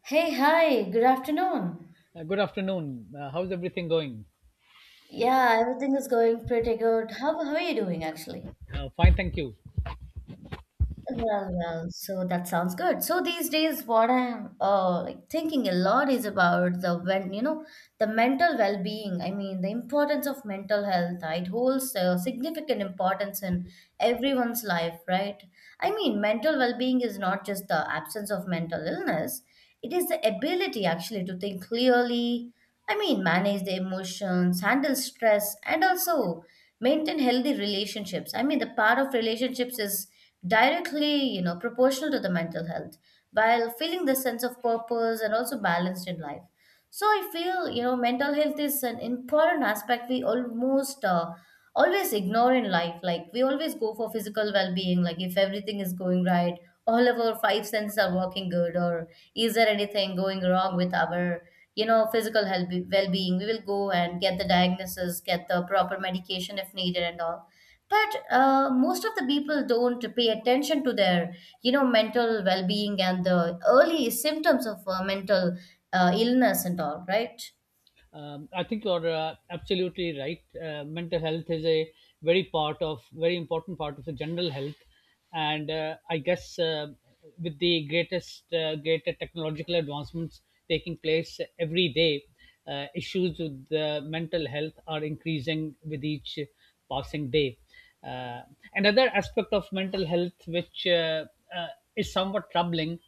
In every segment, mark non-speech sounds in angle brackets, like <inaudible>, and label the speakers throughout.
Speaker 1: Hey, hi, good afternoon.
Speaker 2: Good afternoon. How's everything going?
Speaker 1: Yeah, everything is going pretty good. How are you doing actually?
Speaker 2: Fine, thank you.
Speaker 1: So that sounds good. So these days, what I'm like thinking a lot is about the when you know the mental well-being. I mean, the importance of mental health. It holds a significant importance in everyone's life, right? I mean, mental well-being is not just the absence of mental illness. It is the ability actually to think clearly. I mean, manage the emotions, handle stress, and also maintain healthy relationships. I mean, the part of relationships is directly, proportional to the mental health, while feeling the sense of purpose and also balanced in life. So I feel, mental health is an important aspect we almost always ignore in life. Like we always go for physical well-being, like if everything is going right, all of our five senses are working good, or is there anything going wrong with our, physical health well-being, we will go and get the diagnosis, get the proper medication if needed and all. But most of the people don't pay attention to their, mental well-being and the early symptoms of mental illness and all, right?
Speaker 2: I think you're absolutely right. Mental health is a very important part of the general health, and I guess with the greater technological advancements taking place every day, issues with the mental health are increasing with each passing day. Uh, Another aspect of mental health, which uh, is somewhat troubling,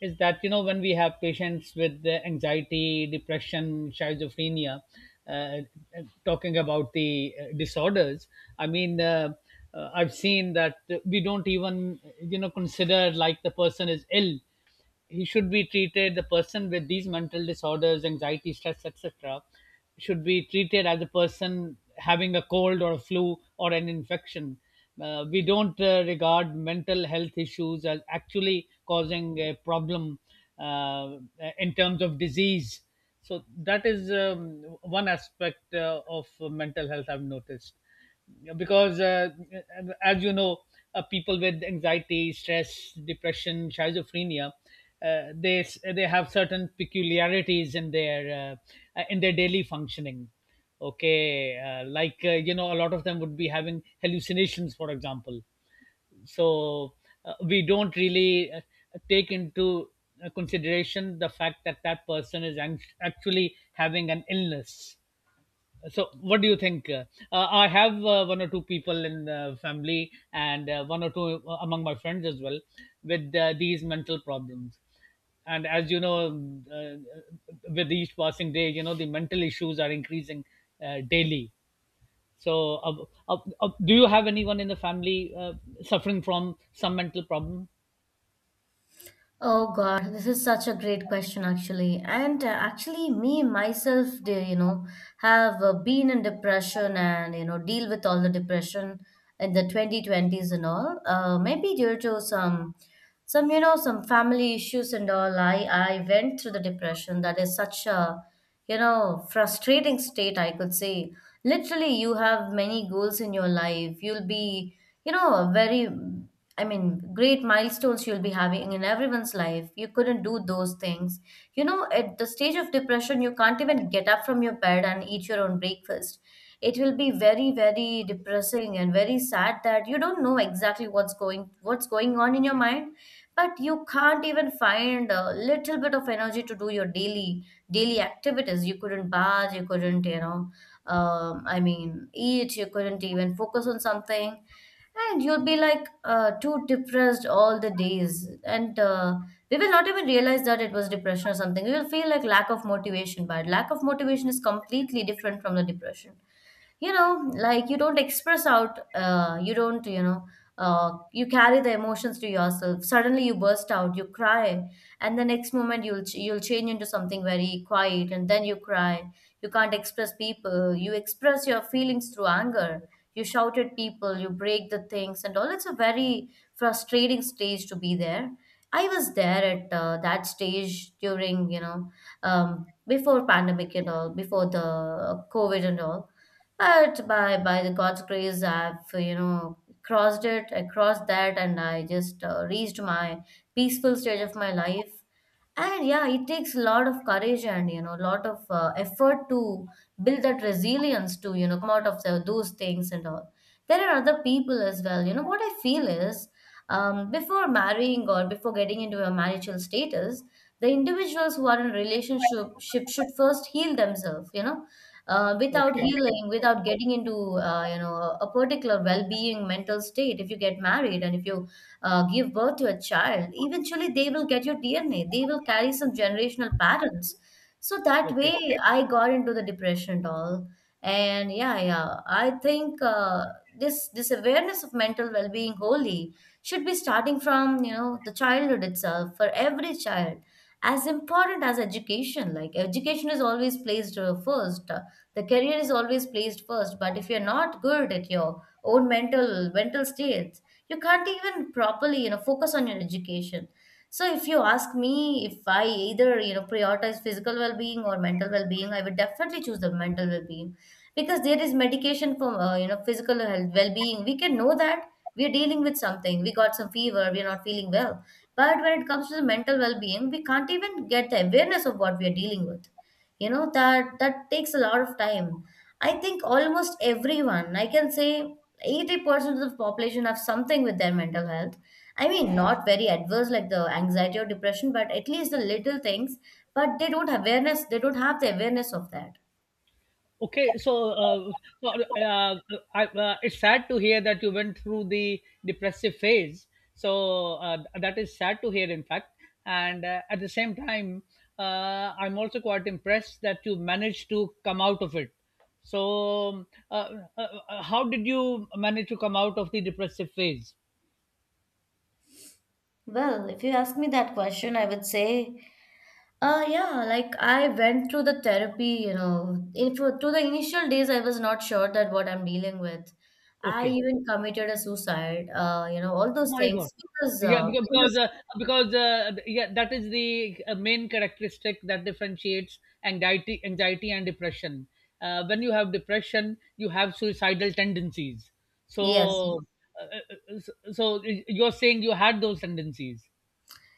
Speaker 2: is that you know when we have patients with the anxiety, depression, schizophrenia, uh, uh, talking about the disorders, i mean uh, I've seen that we don't even you know consider like the person is ill. He should be treated. The person with these mental disorders, anxiety, stress, etc. should be treated as a person having a cold or a flu or an infection. We don't regard mental health issues as actually causing a problem uh, in terms of disease. So that is one aspect of mental health I've noticed. Because as you know, people with anxiety, stress, depression, schizophrenia, they they have certain peculiarities in their daily functioning. Okay. Like you know, a lot of them would be having hallucinations, for example. So we don't really take into consideration the fact that that person is actually having an illness. So what do you think? I have one or two people in the family, and one or two among my friends as well with these mental problems. And as you know, with each passing day, you know, the mental issues are increasing daily. So do you have anyone in the family suffering from some mental problem?
Speaker 1: Oh God, this is such a great question, actually. And actually, me myself, do you know, have been in depression and, you know, deal with all the depression in the 2020s and all. Maybe due to some, some family issues and all. I went through the depression. That is such a, frustrating state, I could say. Literally, you have many goals in your life. You'll be, you know very great milestones you'll be having in everyone's life. You couldn't do those things. You know, at the stage of depression, you can't even get up from your bed and eat your own breakfast. It will be very, very depressing and very sad that you don't know exactly what's going on in your mind, but you can't even find a little bit of energy to do your daily activities. You couldn't bath, you couldn't, you know, I mean, eat. You couldn't even focus on something, and you'll be like too depressed all the days. And we will not even realize that it was depression or something. We will feel like lack of motivation, but lack of motivation is completely different from the depression. You know, like you don't express out, you don't you know you carry the emotions to yourself. Suddenly you burst out, you cry, and the next moment you'll you'll change into something very quiet, and then you cry. You can't express people, you express your feelings through anger, you shout at people, you break the things and all. It's a very frustrating stage to be there. I was there at that stage during, before pandemic and all, before the COVID and all. But by the God's grace, I've, you know, crossed it. I crossed that, and I just reached my peaceful stage of my life. And yeah, it takes a lot of courage and, you know, a lot of effort to build that resilience to, you know, come out of those things and all. There are other people as well. You know what I feel is, before marrying or before getting into a marital status, the individuals who are in a relationship ship should first heal themselves. You know, without
Speaker 2: Okay.
Speaker 1: healing, without getting into you know, a particular well-being mental state, if you get married and if you give birth to a child, eventually they will get your DNA. They will carry some generational patterns. So that
Speaker 2: Okay.
Speaker 1: way, I got into the depression and all. And yeah, yeah, I think this awareness of mental well-being wholly should be starting from, you know, the childhood itself for every child. As important as education, like education is always placed first. The career is always placed first. But if you're not good at your own mental state, you can't even properly, you know, focus on your education. So if you ask me, if I either, you know, prioritize physical well-being or mental well-being, I would definitely choose the mental well-being, because there is medication for, you know, physical health well-being. We can know that we are dealing with something, we got some fever, we are not feeling well. But when it comes to the mental well-being, we can't even get the awareness of what we are dealing with. You know, that takes a lot of time. I think almost everyone, I can say, 80% of the population have something with their mental health. I mean, not very adverse like the anxiety or depression, but at least the little things. But they don't have awareness, they don't have the awareness of that.
Speaker 2: Okay, so well, it's sad to hear that you went through the depressive phase. So that is sad to hear, in fact. And at the same time, uh, I'm also quite impressed that you managed to come out of it. So, how did you manage to come out of the depressive phase?
Speaker 1: Well, if you ask me that question, I would say, yeah, like I went through the therapy, you know. In for to the initial days I was not sure that what I'm dealing with. I
Speaker 2: Okay.
Speaker 1: even committed a suicide, you know, all those
Speaker 2: My God.
Speaker 1: things, because
Speaker 2: Yeah, because
Speaker 1: it
Speaker 2: because
Speaker 1: was.
Speaker 2: uh, because uh, yeah, that is the main characteristic that differentiates anxiety and depression. When you have depression, you have suicidal tendencies.
Speaker 1: Yes.
Speaker 2: So, uh, so so you're saying you had those tendencies.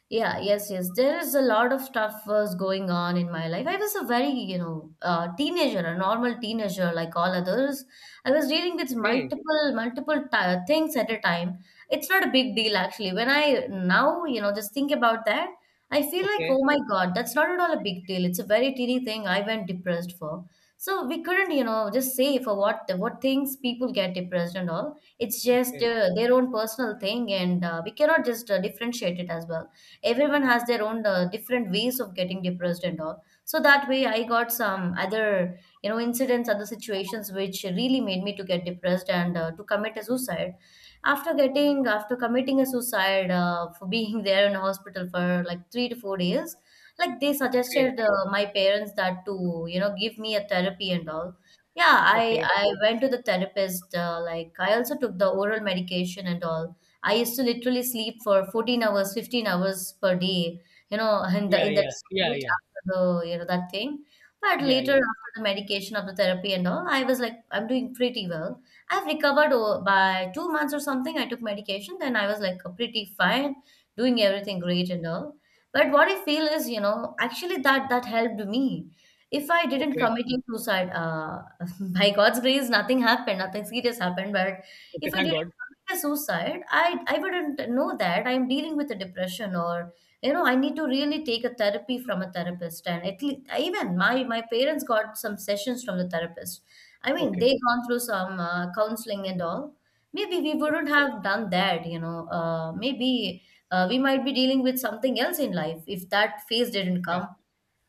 Speaker 1: Yeah, yes, yes. There is a lot of stuff was going on in my life. I was a very, you know, teenager, a normal teenager like all others. I was dealing with
Speaker 2: Okay,
Speaker 1: multiple ti things at a time. It's not a big deal actually. When I now, you know, just think about that, I feel like,
Speaker 2: okay,
Speaker 1: oh my God, that's not at all a big deal. It's a very teeny thing I went depressed for. So we couldn't, you know, just say for what things people get depressed and all. It's just
Speaker 2: okay,
Speaker 1: their own personal thing, and we cannot just differentiate it as well. Everyone has their own different ways of getting depressed and all. So that way I got some other, you know, incidents, other situations, which really made me to get depressed and to commit a suicide. After committing a suicide, for being <laughs> there in the hospital for like 3 to 4 days, like they
Speaker 2: okay,
Speaker 1: suggested my parents that to, you know, give me a therapy and all. yeah i
Speaker 2: okay.
Speaker 1: i went to the therapist, like I also took the oral medication and all. I used to literally sleep for 14 hours, 15 hours per day, you know, in the
Speaker 2: Yeah,
Speaker 1: in that
Speaker 2: yeah, yeah,
Speaker 1: state
Speaker 2: yeah,
Speaker 1: after the, you know, that thing. But
Speaker 2: yeah,
Speaker 1: later,
Speaker 2: yeah.
Speaker 1: after the medication, after therapy and all, I was like, I'm doing pretty well. I've recovered by 2 months or something. I took medication, then I was like pretty fine, doing everything great and all. But what I feel is, you know, actually that helped me. If I didn't
Speaker 2: Okay,
Speaker 1: commit suicide, <laughs> by God's grace, nothing happened, nothing serious happened. But
Speaker 2: okay.
Speaker 1: if I
Speaker 2: Thank
Speaker 1: did
Speaker 2: God.
Speaker 1: commit a suicide, I wouldn't know that I'm dealing with a depression, or, you know, I need to really take a therapy from a therapist. And at least even my parents got some sessions from the therapist. I mean,
Speaker 2: Okay,
Speaker 1: they gone through some counseling and all. Maybe we wouldn't have done that, you know. Maybe We might be dealing with something else in life if that phase didn't
Speaker 2: yeah,
Speaker 1: come.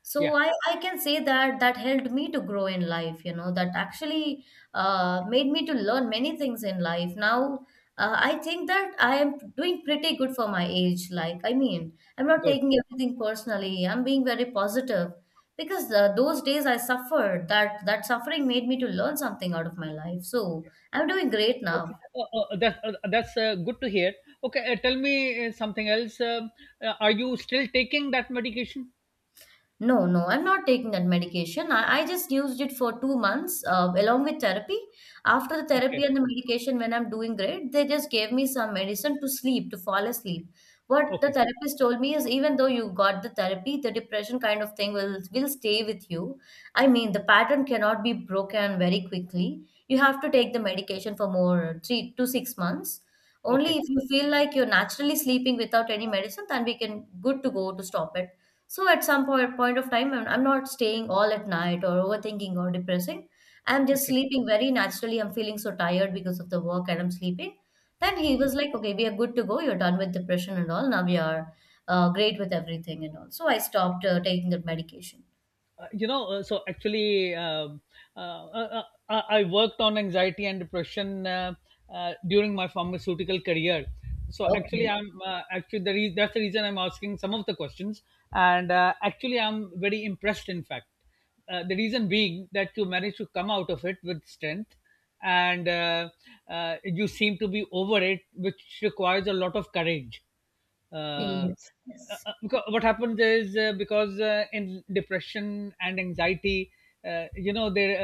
Speaker 1: So
Speaker 2: yeah.
Speaker 1: I can say that that helped me to grow in life. You know, that actually made me to learn many things in life. Now I think that I am doing pretty good for my age. Like, I mean, I'm not
Speaker 2: Good.
Speaker 1: taking everything personally, I'm being very positive. Because those days I suffered, that that suffering made me to learn something out of my life. So I'm doing great
Speaker 2: Okay,
Speaker 1: now.
Speaker 2: that, that's good to hear. Okay, tell me something else. Are you still taking that medication?
Speaker 1: No, no, I'm not taking that medication. I just used it for 2 months along with therapy. After the therapy
Speaker 2: Okay,
Speaker 1: and the medication, when I'm doing great, they just gave me some medicine to sleep, to fall asleep. What the
Speaker 2: okay,
Speaker 1: therapist told me is, even though you got the therapy, the depression kind of thing will stay with you. I mean, the pattern cannot be broken very quickly. You have to take the medication for more 3 to 6 months. Only
Speaker 2: okay,
Speaker 1: if you feel like you're naturally sleeping without any medicine, then we can good to go to stop it. So at some point of time, I'm not staying all at night or overthinking or depressing. I'm just
Speaker 2: okay.
Speaker 1: sleeping very naturally. I'm feeling so tired because of the work and I'm sleeping. Then he was like, okay, we are good to go. You're done with depression and all. Now we are great with everything and all. So I stopped taking that medication.
Speaker 2: You know, so actually, uh, uh, uh, I worked on anxiety and depression during my pharmaceutical career. So
Speaker 1: Okay.
Speaker 2: actually, I'm actually the that's the reason I'm asking some of the questions, and actually, I'm very impressed. In fact, the reason being that you managed to come out of it with strength, and you seem to be over it, which requires a lot of courage, uh, uh,
Speaker 1: Yes. Yes.
Speaker 2: because what happens is, because in depression and anxiety, you know there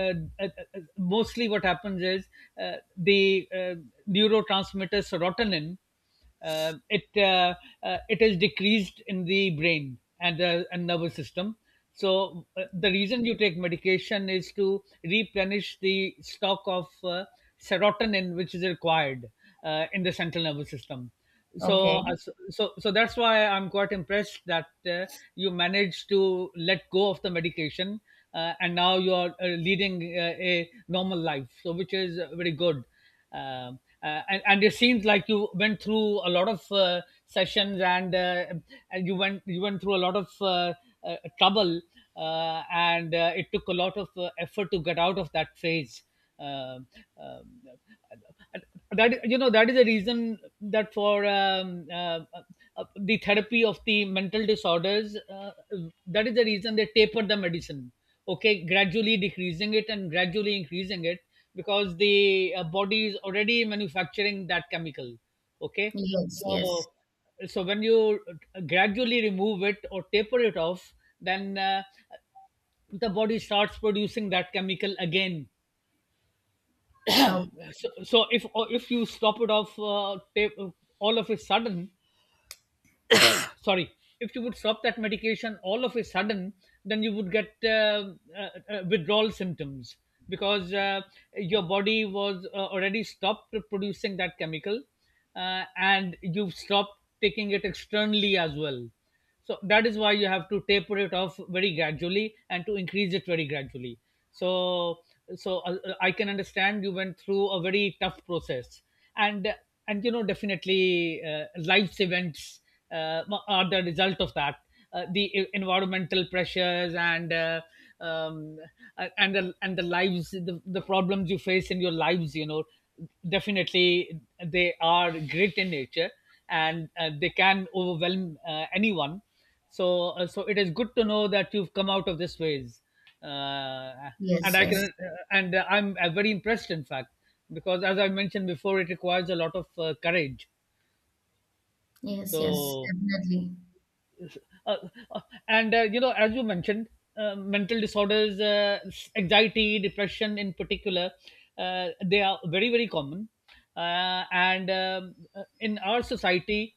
Speaker 2: uh, uh, mostly what happens is the neurotransmitter serotonin, it it is decreased in the brain and the and nervous system. So the reason you take medication is to replenish the stock of serotonin, which is required in the central nervous system. So
Speaker 1: Okay.
Speaker 2: so that's why I'm quite impressed that uh, you managed to let go of the medication, and now you are leading a normal life, so which is very good. And it seems like you went through a lot of sessions and you went through a lot of trouble, and it took a lot of effort to get out of that phase. Um um, that, you know, that is the reason that for the therapy of the mental disorders, that is the reason they taper the medicine, okay, gradually decreasing it and gradually increasing it, because the body is already manufacturing that chemical. Okay.
Speaker 1: Yes. Yes.
Speaker 2: So so when you gradually remove it or taper it off, then the body starts producing that chemical again.
Speaker 1: No.
Speaker 2: So, so if you stop it off all of a sudden, sorry, if you would stop that medication all of a sudden, then you would get withdrawal symptoms, because your body was already stopped producing that chemical, and you've stopped taking it externally as well. So that is why you have to taper it off very gradually and to increase it very gradually. So so I can understand you went through a very tough process. and and you know, definitely life's events uh, are the result of that, the environmental pressures, um, and the the problems you face in your lives, you know, definitely they are great in nature, and they can overwhelm anyone. So, so it is good to know that you've come out of this phase, uh, and
Speaker 1: Yes.
Speaker 2: I
Speaker 1: Yes.
Speaker 2: can, uh, and I'm very impressed, in fact, because as I mentioned before, it requires a lot of courage.
Speaker 1: Yes. Yes.
Speaker 2: So,
Speaker 1: Definitely.
Speaker 2: uh, uh, and you know, as you mentioned, mental disorders, anxiety, depression in particular, they are very, very common. And in our society,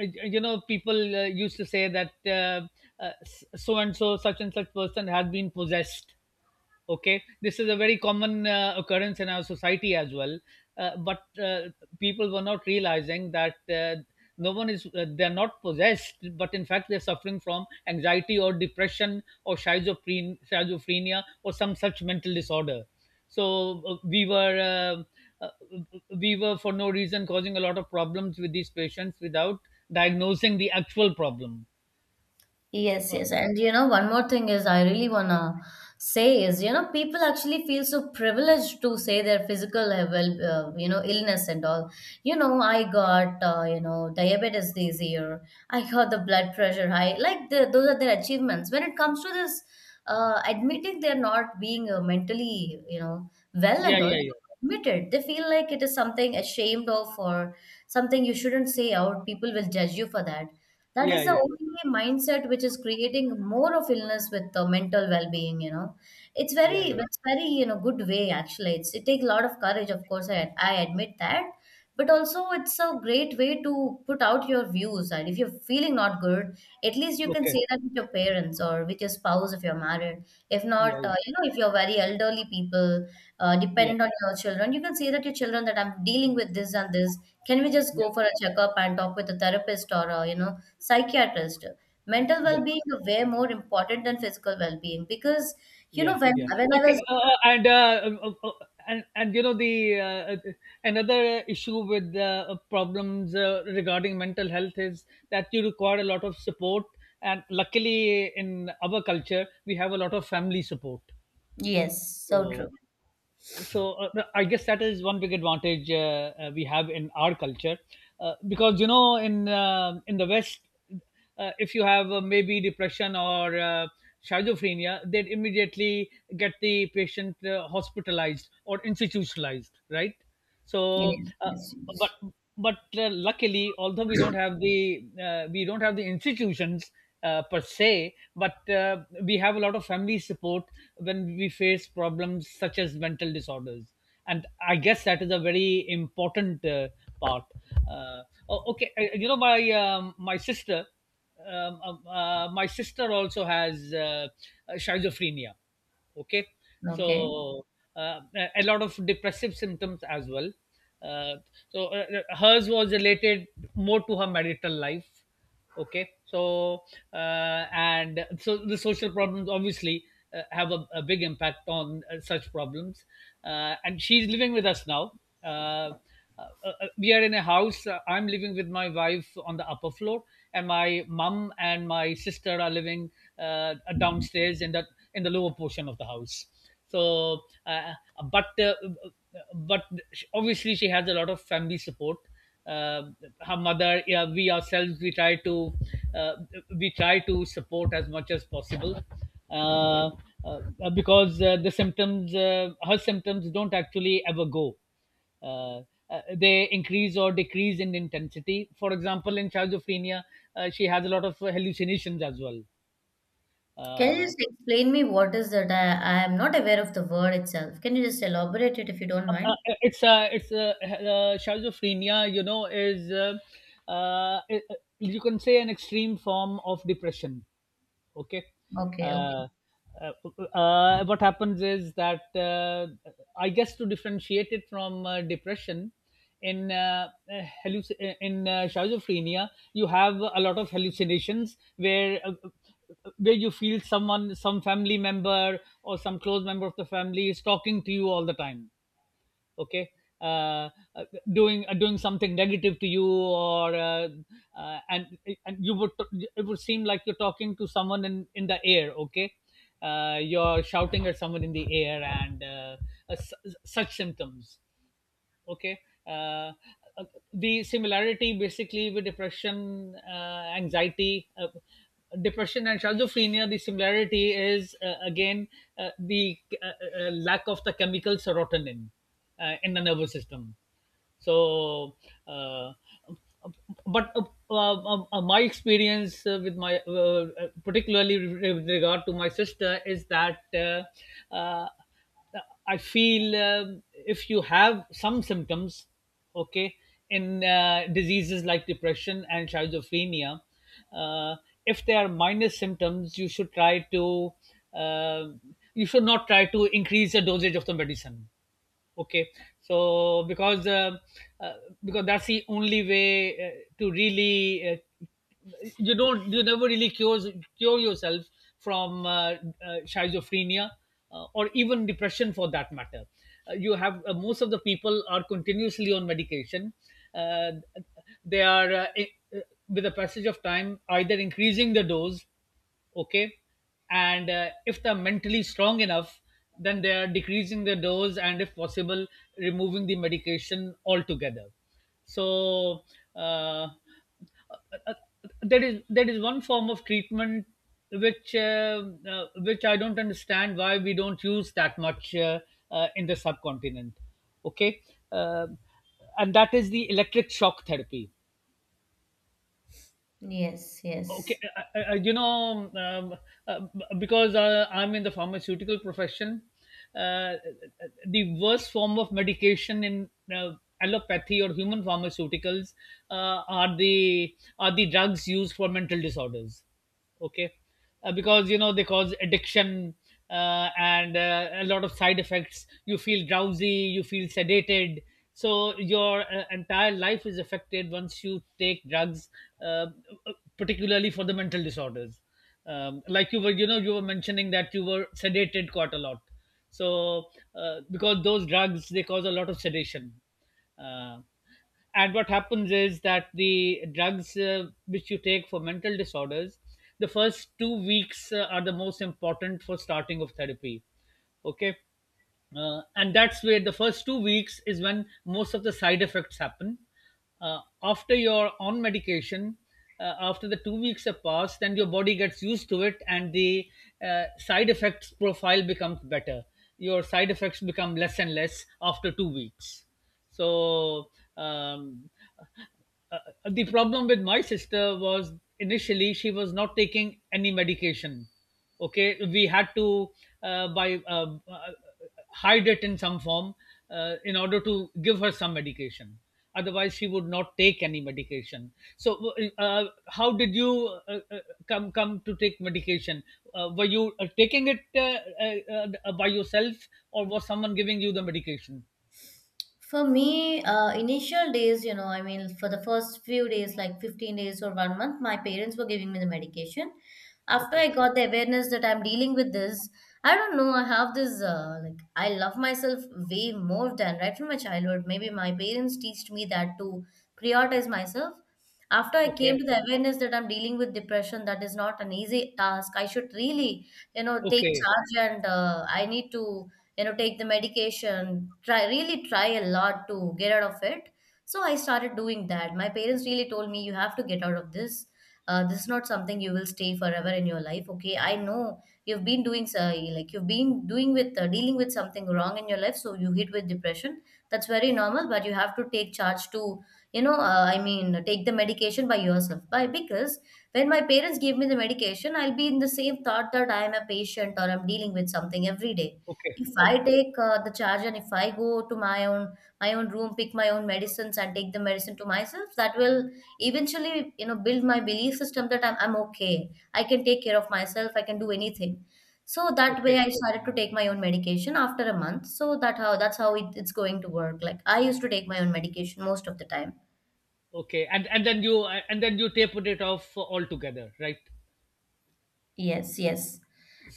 Speaker 2: you know, people used to say that uh, so and so, such and such person had been possessed. Okay, this is a very common occurrence in our society as well. But people were not realizing that no one is they're not possessed, but in fact they're suffering from anxiety or depression or schizophrenia or some such mental disorder. So uh, we were for no reason causing a lot of problems with these patients without diagnosing the actual problem.
Speaker 1: Yes,
Speaker 2: uh,
Speaker 1: yes. And one more thing is I really wanna say is, people actually feel so privileged to say their physical level, illness and all. I got, diabetes this year. I got the blood pressure high. Like those are their achievements. When it comes to this, admitting they're not being mentally, well
Speaker 2: yeah,
Speaker 1: and all,
Speaker 2: yeah, yeah,
Speaker 1: admitted. They feel like it is something ashamed of or something you shouldn't say out. People will judge you for that.
Speaker 2: yeah,
Speaker 1: Is the
Speaker 2: yeah, yeah,
Speaker 1: only mindset which is creating more of illness with the mental well-being, It's very,
Speaker 2: yeah, yeah,
Speaker 1: it's very, you know, good way actually. It takes a lot of courage, of course, I admit that. But also it's a great way to put out your views. And if you're feeling not good, at least you can
Speaker 2: okay,
Speaker 1: say that with your parents or with your spouse if you're married. If
Speaker 2: yeah,
Speaker 1: not,
Speaker 2: yeah,
Speaker 1: if you're very elderly people,
Speaker 2: yeah,
Speaker 1: depend on your children, you can say that to your children that I'm dealing with this and this. Can we just
Speaker 2: yeah,
Speaker 1: go for a checkup and talk with a therapist or, psychiatrist? Mental
Speaker 2: yeah,
Speaker 1: well-being is way more important than physical well-being because you know
Speaker 2: yeah,
Speaker 1: when
Speaker 2: yeah.
Speaker 1: when I
Speaker 2: Okay,
Speaker 1: was
Speaker 2: and you know, the another issue with problems regarding mental health is that you require a lot of support, and luckily in our culture we have a lot of family support.
Speaker 1: yes. So
Speaker 2: So
Speaker 1: true.
Speaker 2: so I guess that is one big advantage we have in our culture, because you know, in the West, if you have maybe depression or schizophrenia, they'd immediately get the patient hospitalized or institutionalized, right? So
Speaker 1: Yes, yes, yes.
Speaker 2: but but luckily, although we don't have the we don't have the institutions per se, but we have a lot of family support when we face problems such as mental disorders. And I guess that is a very important part. uh, oh, okay. You know, my my sister also has schizophrenia. Okay.
Speaker 1: Okay,
Speaker 2: So a lot of depressive symptoms as well. uh, so hers was related more to her marital life. Okay. So and so the social problems, obviously, have a big impact on such problems. And she's living with us now. uh, we are in a house. I'm living with my wife on the upper floor, and my mum and my sister are living downstairs in the lower portion of the house. So, uh, but uh, but obviously she has a lot of family support. Uh, Her mother, yeah, we ourselves, uh, we try to support as much as possible. Uh, uh, because the her symptoms don't actually ever go, uh, they increase or decrease in intensity. For example, in schizophrenia, she has a lot of hallucinations as well.
Speaker 1: can you
Speaker 2: Uh,
Speaker 1: just explain me what is that? I am not aware of the word itself. Can you just elaborate it if you don't
Speaker 2: uh, uh,
Speaker 1: mind?
Speaker 2: it's schizophrenia, you know, is uh, you can say an extreme form of depression. Okay.
Speaker 1: Okay, okay.
Speaker 2: uh, uh, what happens is that I guess, to differentiate it from depression, in schizophrenia you have a lot of hallucinations, where you feel someone, some family member or some close member of the family, is talking to you all the time. Okay. uh, uh, Doing, doing something negative to you, or uh, and and you would it would seem like you're talking to someone in the air. Okay. You're shouting at someone in the air, and such symptoms. Okay. uh, uh, the similarity, basically, with depression, anxiety, depression and schizophrenia, the similarity is, again, the lack of the chemical serotonin in the nervous system. So uh, but my experience, with my, particularly with regard to my sister, is that uh, I feel, if you have some symptoms. Okay. In diseases like depression and schizophrenia, uh, if there are minor symptoms, you should try to uh, you should not try to increase the dosage of the medicine. Okay. So, uh, because that's the only way to really, uh, you don't, you never really cure, yourself from schizophrenia, or even depression for that matter. You have, most of the people are continuously on medication. uh, they are, with the passage of time either increasing the dose. Okay. And if they're mentally strong enough, then they are decreasing the dose, and if possible, removing the medication altogether. So uh, uh, there is, one form of treatment which uh, which I don't understand why we don't use that much, in the subcontinent. Okay. Um and that is the electric shock therapy.
Speaker 1: Yes,
Speaker 2: Okay.
Speaker 1: yes.
Speaker 2: Because I'm in the pharmaceutical profession, uh, the worst form of medication in allopathy or human pharmaceuticals, are the drugs used for mental disorders. Okay. Because they cause addiction, and a lot of side effects. You feel drowsy, you feel sedated. So your entire life is affected once you take drugs, uh, particularly for the mental disorders. Like you were mentioning that you were sedated quite a lot. So because those drugs, they cause a lot of sedation. uh, and what happens is that the drugs which you take for mental disorders, the first 2 weeks are the most important for starting of therapy. Okay. And that's where the first 2 weeks is when most of the side effects happen, after you're on medication. After the 2 weeks have passed, then your body gets used to it, and the side effects profile becomes better. Your side effects become less and less after 2 weeks. So um, uh, the problem with my sister was, initially she was not taking any medication. Okay. We had to by hide it in some form, in order to give her some medication. Otherwise, she would not take any medication. So how did you come to take medication? Were you taking it uh, by yourself, or was someone giving you the medication?
Speaker 1: For me, initial days, you know, I mean, for the first few days, like 15 days or 1 month, my parents were giving me the medication. After I
Speaker 2: Okay,
Speaker 1: got the awareness that I'm dealing with this, I don't know, I have this, like, I love myself way more than right from my childhood. Maybe my parents teached me that to prioritize myself. After I
Speaker 2: okay,
Speaker 1: came to the awareness that I'm dealing with depression, that is not an easy task. I should really, you know, take
Speaker 2: okay,
Speaker 1: charge and I need to, you know, take the medication, try, really try a lot to get out of it. So I started doing that. My parents really told me, you have to get out of this. This is not something you will stay forever in your life. Okay, I know you've been doing like you've been doing with dealing with something wrong in your life, so you hit with depression. That's very normal, but you have to take charge to, you know, I mean, take the medication by yourself, by because when my parents give me the medication, I'll be in the same thought that I am a patient or I'm dealing with something every day.
Speaker 2: okay,
Speaker 1: If I
Speaker 2: okay,
Speaker 1: take the charge and if I go to my own, my own room, pick my own medicines and take the medicine to myself, that will eventually, you know, build my belief system that I'm okay. I can take care of myself. I can do anything. So that way,
Speaker 2: okay,
Speaker 1: I started to take my own medication after a month. So that how that's how it, it's going to work. Like I used to take my own medication most of the time.
Speaker 2: okay. And then you, tapered it off altogether, right?
Speaker 1: Yes, yes.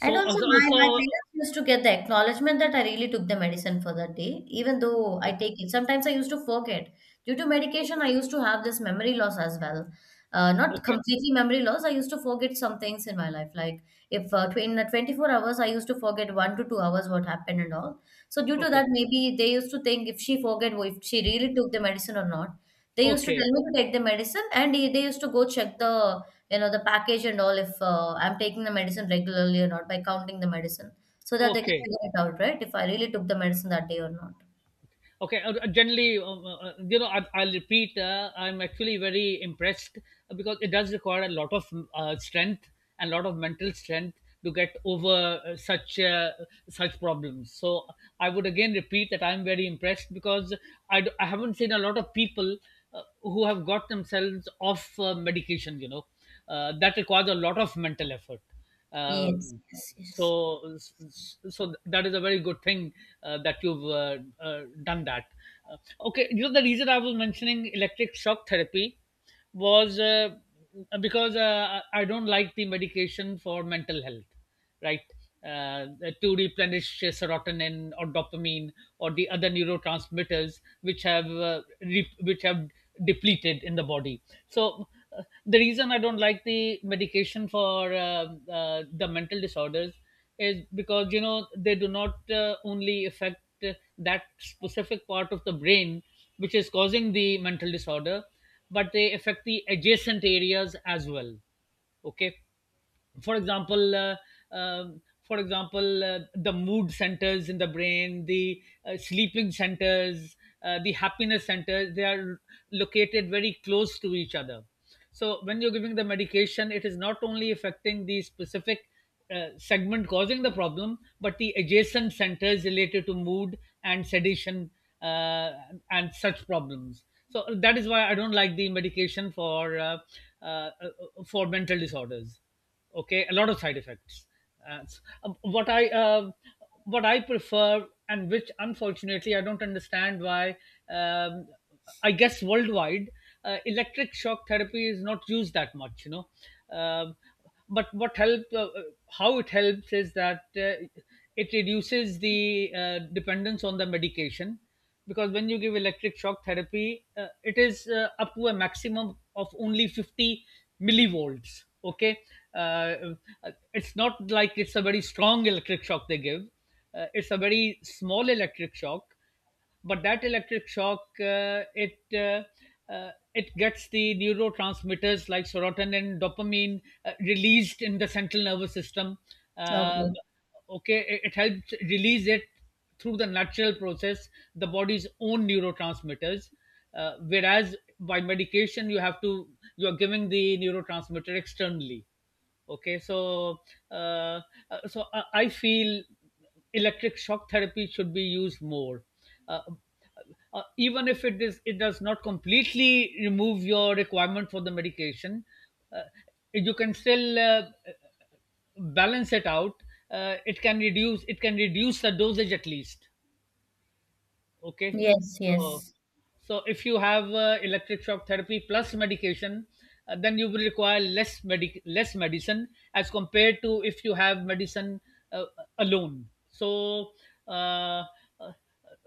Speaker 1: And also
Speaker 2: so,
Speaker 1: my
Speaker 2: so
Speaker 1: parents used to get the acknowledgement that I really took the medicine for that day, even though I
Speaker 2: okay,
Speaker 1: take it. Sometimes I used to forget. Due to medication, I used to have this memory loss as well. Not
Speaker 2: okay,
Speaker 1: completely memory loss. I used to forget some things in my life. Like if in the 24 hours, I used to forget 1 to 2 hours what happened and all. So due to
Speaker 2: okay,
Speaker 1: that, maybe they used to think if she forget, if she really took the medicine or not. They used to
Speaker 2: okay,
Speaker 1: tell me to take the medicine and they used to go check the, you know, the package and all if I'm taking the medicine regularly or not by counting the medicine, so that they can
Speaker 2: okay.
Speaker 1: figure it out, right, if I really took the medicine that day or not.
Speaker 2: Okay. Generally, I'll repeat. I'm actually very impressed, because it does require a lot of strength, and a lot of mental strength to get over such problems. So I would again repeat that I'm very impressed, because I haven't seen a lot of people who have got themselves off medication. You know, that requires a lot of mental effort.
Speaker 1: Yes,
Speaker 2: Um
Speaker 1: yes, yes.
Speaker 2: so, that is a very good thing, that you've done that. Uh, okay, you know the reason I was mentioning electric shock therapy was, because I don't like the medication for mental health, right? Uh, to replenish serotonin or dopamine, or the other neurotransmitters which have which have depleted in the body. So the reason I don't like the medication for the mental disorders, is because they do not only affect that specific part of the brain which is causing the mental disorder, but they affect the adjacent areas as well. Okay. For example, the mood centers in the brain, the sleeping centers, the happiness centers, they are located very close to each other. So when you're giving the medication, it is not only affecting the specific segment causing the problem, but the adjacent centers related to mood and sedation, uh, and such problems. So that is why I don't like the medication for uh, uh, mental disorders. Okay. A lot of side effects. What I prefer, and which unfortunately I don't understand why. Um, I guess worldwide, electric shock therapy is not used that much, you know. Um, but how it helps is that it reduces the dependence on the medication, because when you give electric shock therapy, it is up to a maximum of only 50 millivolts. Okay. uh, it's not like it's a very strong electric shock they give. It's a very small electric shock, but that electric shock, it gets the neurotransmitters like serotonin and dopamine released in the central nervous system. uh,
Speaker 1: Okay,
Speaker 2: okay, it helps release it through the natural process, the body's own neurotransmitters, whereas by medication, you have to you are giving the neurotransmitter externally. Okay. So uh, I feel electric shock therapy should be used more, uh, uh, even if it does not completely remove your requirement for the medication. uh, you can still balance it out. It can reduce, the dosage at least. Okay.
Speaker 1: yes,
Speaker 2: So,
Speaker 1: yes.
Speaker 2: so if you have electric shock therapy plus medication, then you will require less medicine as compared to if you have medicine uh, alone. So uh, uh,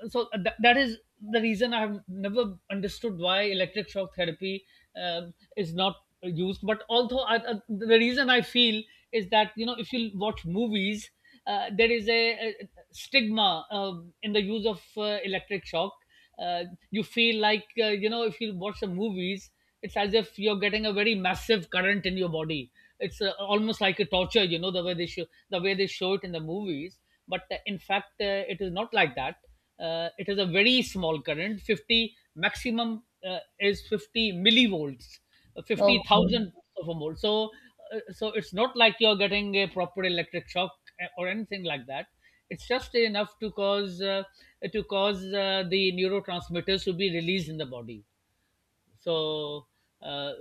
Speaker 2: that is the reason I have never understood why electric shock therapy is not used. But, although the reason I feel is that, you know, if you watch movies, there is a stigma in the use of electric shock. Uh, you feel like, you know, if you watch the movies, it's as if you're getting a very massive current in your body. It's almost like a torture, you know, the way they show it in the movies. But in fact, it is not like that. It is a very small current. 50 maximum is 50 millivolts, fifty
Speaker 1: Okay,
Speaker 2: thousand of a volt. So, so it's not like you're getting a proper electric shock, or anything like that. It's just enough to cause the neurotransmitters to be released in the body. So, uh,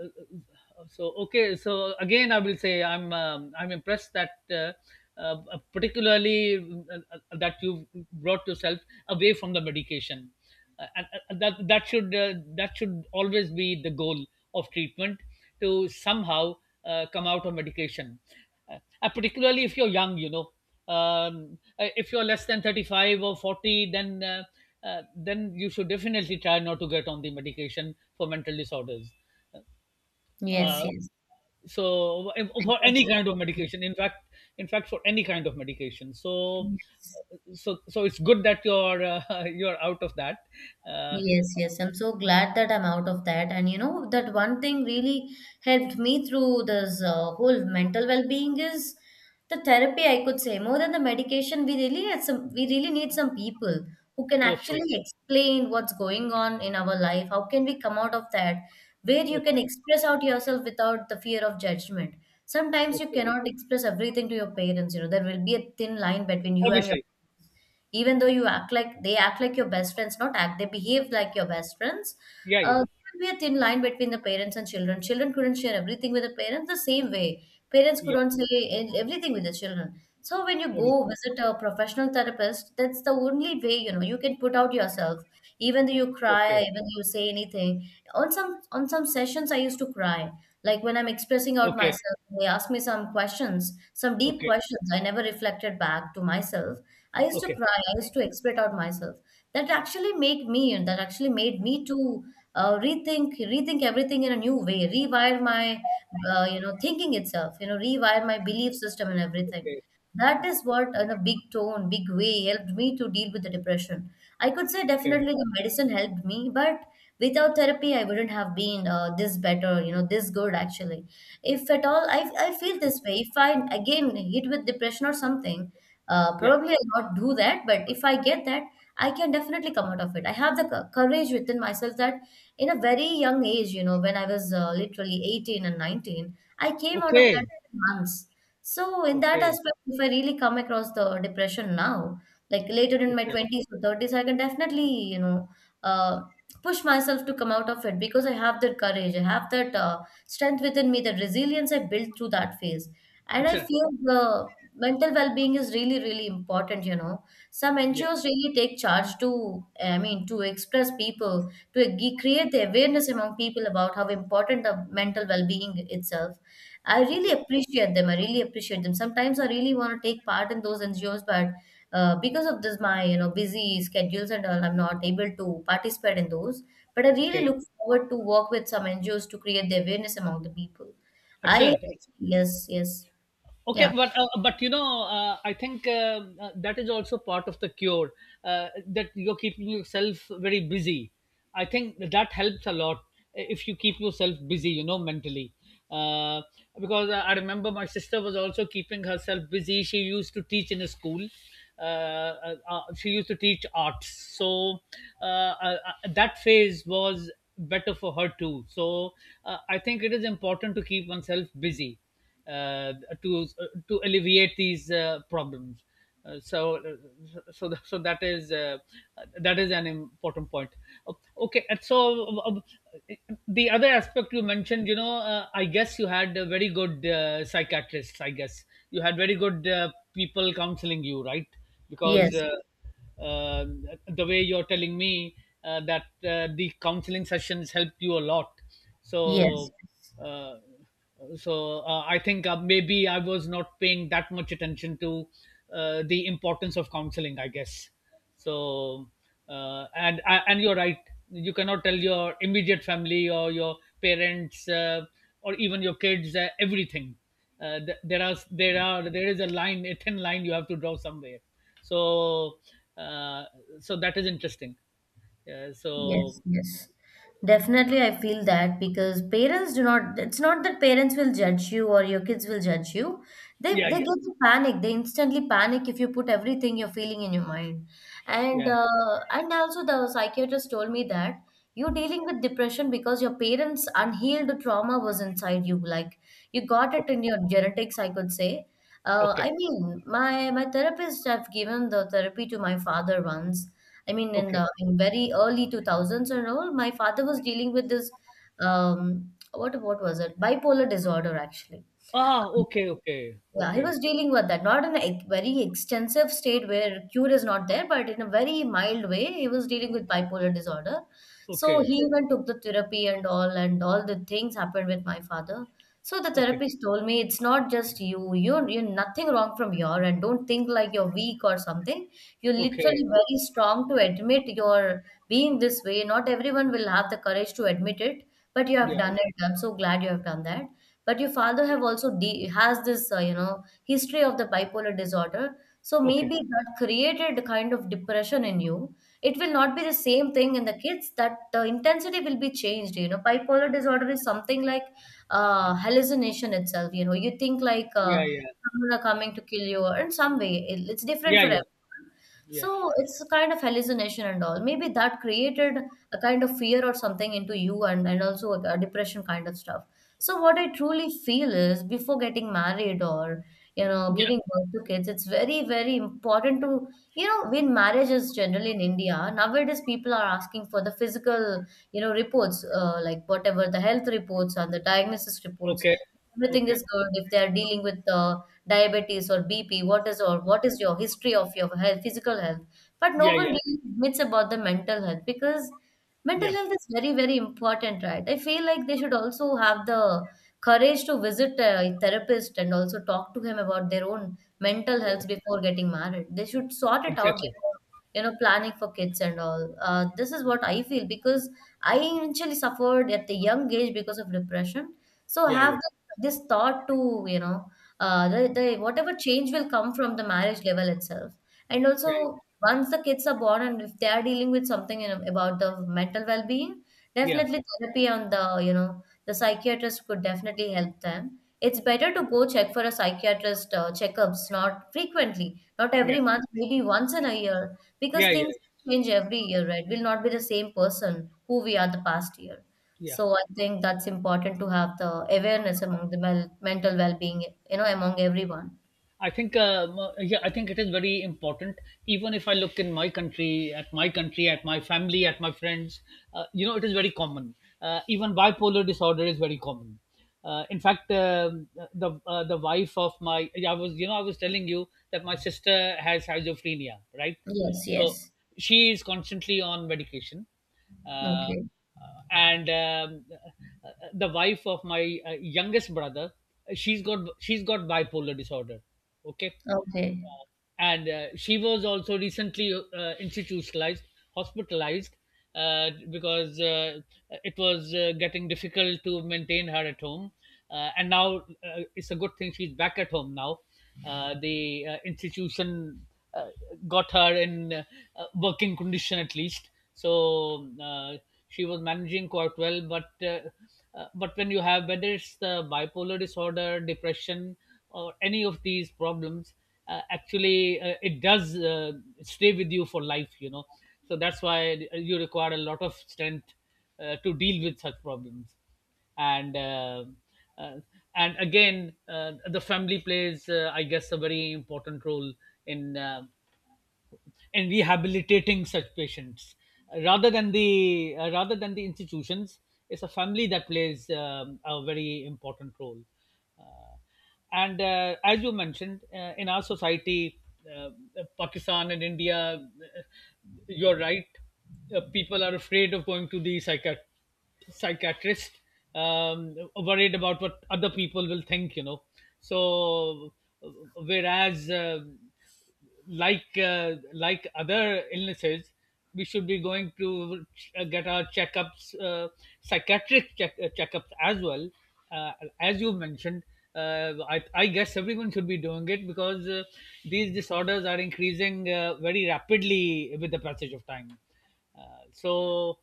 Speaker 2: so okay. So again, I will say I'm impressed that. Particularly, that you've brought yourself away from the medication, and, that that should always be the goal of treatment, to somehow come out of medication, particularly if you're young, you know. If you're less than 35 or 40, then then you should definitely try not to get on the medication for mental disorders.
Speaker 1: yes,
Speaker 2: uh,
Speaker 1: yes.
Speaker 2: so
Speaker 1: I
Speaker 2: for
Speaker 1: totally
Speaker 2: any kind of
Speaker 1: agree.
Speaker 2: medication, in fact. For any kind of medication. so
Speaker 1: Yes.
Speaker 2: uh, so so it's good that you're, <laughs> you're out of that. uh,
Speaker 1: Yes, yes. I'm so glad that I'm out of that. And you know, that one thing really helped me through this whole mental well-being is the therapy, I could say. More than the medication, we really need some people who can actually
Speaker 2: okay,
Speaker 1: explain what's going on in our life. How can we come out of that? Where you
Speaker 2: okay,
Speaker 1: can express out yourself without the fear of judgment. Sometimes you
Speaker 2: okay.
Speaker 1: cannot express everything to your parents, you know, there will be a thin line between you and your,
Speaker 2: Obviously.
Speaker 1: even though you act like your best friends not act they behave like your best friends.
Speaker 2: Yeah,
Speaker 1: uh,
Speaker 2: yeah,
Speaker 1: there would be a thin line between the parents and children. Children couldn't share everything with the parents the same way. Parents
Speaker 2: yeah.
Speaker 1: couldn't say everything with the children. So when you go
Speaker 2: Obviously.
Speaker 1: visit a professional therapist, that's the only way, you know, you can put out yourself. Even though you cry,
Speaker 2: Okay,
Speaker 1: even though you say anything. On some sessions I used to cry. Like when I'm expressing out
Speaker 2: okay,
Speaker 1: myself, they ask me some questions, some deep
Speaker 2: okay,
Speaker 1: questions I never reflected back to myself. I used to
Speaker 2: okay,
Speaker 1: cry, I used to express out myself. That actually made me to rethink, everything in a new way, rewire my you know, thinking itself, you know, rewire my belief system and everything.
Speaker 2: okay,
Speaker 1: That
Speaker 2: okay,
Speaker 1: is what in a big way helped me to deal with the depression. I could say
Speaker 2: okay.
Speaker 1: definitely the medicine helped me, but without therapy I wouldn't have been this better, you know, this good actually. If at all I feel
Speaker 2: okay.
Speaker 1: this way, if I again hit with depression or something,
Speaker 2: Yeah,
Speaker 1: probably I'll not do that, but if I get that, I can definitely come out of it. I have the courage within myself that in a very young age, you know, when I was literally 18 and 19, I came out of that
Speaker 2: okay,
Speaker 1: months. So, in that
Speaker 2: okay,
Speaker 1: aspect, if I really come across the depression now, like later in my
Speaker 2: okay.
Speaker 1: 20s or 30s, I can definitely, you know, uh, push myself to come out of it because I have that courage, I have that strength within me, that resilience I built through that phase. And I
Speaker 2: Excellent.
Speaker 1: feel the mental well being is really, really important, you know. Some
Speaker 2: Yeah,
Speaker 1: NGOs really take charge to, I mean, to express people to create the awareness among people about how important the mental well-being itself. i really
Speaker 2: okay,
Speaker 1: appreciate them i really appreciate them. Sometimes I really want to take part in those NGOs, but because of this, my, you know, busy schedules and all, I'm not able to participate in those. But I really
Speaker 2: okay.
Speaker 1: look forward to work with some NGOs to create the awareness among the people. I
Speaker 2: Excellent.
Speaker 1: yes. Yes.
Speaker 2: Okay.
Speaker 1: Yeah.
Speaker 2: But I think that is also part of the cure, that you're keeping yourself very busy. I think that helps a lot if you keep yourself busy, mentally. Uh, because I remember my sister was also keeping herself busy. She used to teach in a school. She used to teach arts, so uh, that phase was better for her too. So I think it is important to keep oneself busy, uh, to alleviate these problems. So, so, th- so that is uh, that is an important point. O- Okay. And so the other aspect you mentioned, I guess you had a very good, psychiatrists. I guess you had very good people counseling you, right? Because
Speaker 1: Yes,
Speaker 2: uh, the way you're telling me that the counseling sessions helped you a lot.
Speaker 1: yes.
Speaker 2: So, uh, so I think maybe I was not paying that much attention to the importance of counseling, I guess. So and you're right, you cannot tell your immediate family or your parents, or even your kids, everything. There are, there is a line, a thin line, you have to draw somewhere. So uh, so that is interesting. uh,
Speaker 1: Yes,
Speaker 2: so
Speaker 1: yes. Definitely, I feel that because parents do not, it's not that parents will judge you or your kids will judge you. They
Speaker 2: yeah,
Speaker 1: they
Speaker 2: yeah,
Speaker 1: get to panic. They instantly panic if you put everything you're feeling in your mind. And
Speaker 2: yeah.
Speaker 1: uh, and also the psychiatrist told me that you're dealing with depression because your parents' unhealed trauma was inside you. Like you got it
Speaker 2: Okay,
Speaker 1: in your genetics, I could say.
Speaker 2: okay,
Speaker 1: I mean, my therapist have given the therapy to my father once. I mean, in
Speaker 2: okay.
Speaker 1: the in very early 2000s and all, my father was dealing with this what was it? Bipolar disorder, actually.
Speaker 2: Ah, okay, okay,
Speaker 1: Yeah, he
Speaker 2: okay,
Speaker 1: was dealing with that, not in a very extensive state where cure is not there, but in a very mild way, he was dealing with bipolar disorder. So
Speaker 2: okay,
Speaker 1: he even took the therapy and all the things happened with my father. So the
Speaker 2: okay,
Speaker 1: therapist told me, it's not just you, you're nothing wrong from your end. Don't think like you're weak or something. You're
Speaker 2: okay.
Speaker 1: literally very strong to admit you're being this way. Not everyone will have the courage to admit it, but you
Speaker 2: Yeah,
Speaker 1: have done
Speaker 2: yeah,
Speaker 1: it. I'm so glad you have done that, but your father have also de has this, history of the bipolar disorder, so
Speaker 2: okay.
Speaker 1: maybe that created a kind of depression in you. It will not be the same thing in the kids, that the intensity will be changed, you know. Bipolar disorder is something like, hallucination itself, you know, you think like,
Speaker 2: Yeah, yeah,
Speaker 1: someone are coming to kill you, or in some way it's different
Speaker 2: yeah,
Speaker 1: for
Speaker 2: yeah,
Speaker 1: everyone.
Speaker 2: yeah,
Speaker 1: So it's a kind of hallucination and all. Maybe that created a kind of fear or something into you and also a depression kind of stuff. So what I truly feel is before getting married or, you know, giving
Speaker 2: yeah.
Speaker 1: birth to kids, it's very, very important to, you know, when marriage is generally in India, nowadays people are asking for the physical, you know, reports, like whatever the health reports and the diagnosis reports.
Speaker 2: Okay,
Speaker 1: Everything
Speaker 2: okay.
Speaker 1: is good if they are dealing with diabetes or BP, what is or what is your history of your health, physical health. But no
Speaker 2: Yeah,
Speaker 1: one
Speaker 2: yeah,
Speaker 1: really admits about the mental health because mental
Speaker 2: yeah,
Speaker 1: health is very, very important, right? I feel like they should also have the courage to visit a therapist and also talk to him about their own mental
Speaker 2: yeah.
Speaker 1: health before getting married. They should sort it out
Speaker 2: Exactly.
Speaker 1: before, you know, planning for kids and all. This is what I feel because I initially suffered at the young age because of depression. So I
Speaker 2: Yeah, yeah,
Speaker 1: have this thought to, you know, the whatever change will come from the marriage level itself and
Speaker 2: yeah,
Speaker 1: also once the kids are born and if they are dealing with something in about the mental well-being,
Speaker 2: yeah,
Speaker 1: definitely therapy on the, you know, the psychiatrist could definitely help them. It's better to go check for a psychiatrist checkups, not frequently, not
Speaker 2: yeah,
Speaker 1: every month, maybe once in a year, because
Speaker 2: yeah, yeah,
Speaker 1: things
Speaker 2: yeah,
Speaker 1: change every year, right, we'll not be the same person who we are the past year.
Speaker 2: yeah.
Speaker 1: So I think that's important to have the awareness among the mental well-being, you know, among everyone.
Speaker 2: I think, yeah, I think it is very important. Even if I look in my country, at my country, at my family, at my friends, it is very common. Even bipolar disorder is very common. In fact, the wife of my, yeah, I was telling you that my sister has schizophrenia, right?
Speaker 1: Yes,
Speaker 2: So
Speaker 1: yes.
Speaker 2: she is constantly on medication. Uh,
Speaker 1: Okay.
Speaker 2: and the wife of my youngest brother, she's got bipolar disorder. Okay.
Speaker 1: Okay.
Speaker 2: Uh, and she was also recently institutionalized, hospitalized, uh, because it was getting difficult to maintain her at home. And now, it's a good thing she's back at home now. The institution uh, got her in working condition, at least. So she was managing quite well. But when you have, whether it's the bipolar disorder, depression, or any of these problems, actually it does stay with you for life. You know, so that's why you require a lot of strength to deal with such problems, and uh, uh, and again, the family plays, I guess, a very important role in rehabilitating such patients, rather than the institutions. It's a family that plays, a very important role. uh, and as you mentioned, in our society, uh, Pakistan and India, you're right. People are afraid of going to the psychiatrist, worried about what other people will think, you know. So uh, whereas, like other illnesses, we should be going to get our checkups, psychiatric checkups as well. Uh, as you mentioned, I guess everyone should be doing it, because these disorders are increasing very rapidly with the passage of time. So,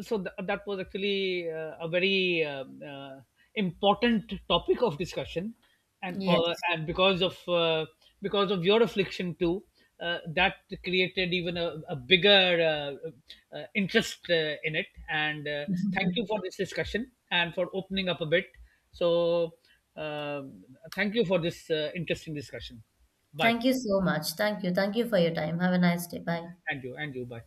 Speaker 2: that was actually a very important topic of discussion, and uh,
Speaker 1: Yes.
Speaker 2: and because of your affliction too, that created even a bigger interest in it. And thank you
Speaker 1: <laughs>
Speaker 2: for this discussion and for opening up a bit. So, um, thank you for this interesting discussion. Bye.
Speaker 1: Thank you so much. Thank you. Thank you for your time. Have a nice day. Bye.
Speaker 2: And you. And you. Bye.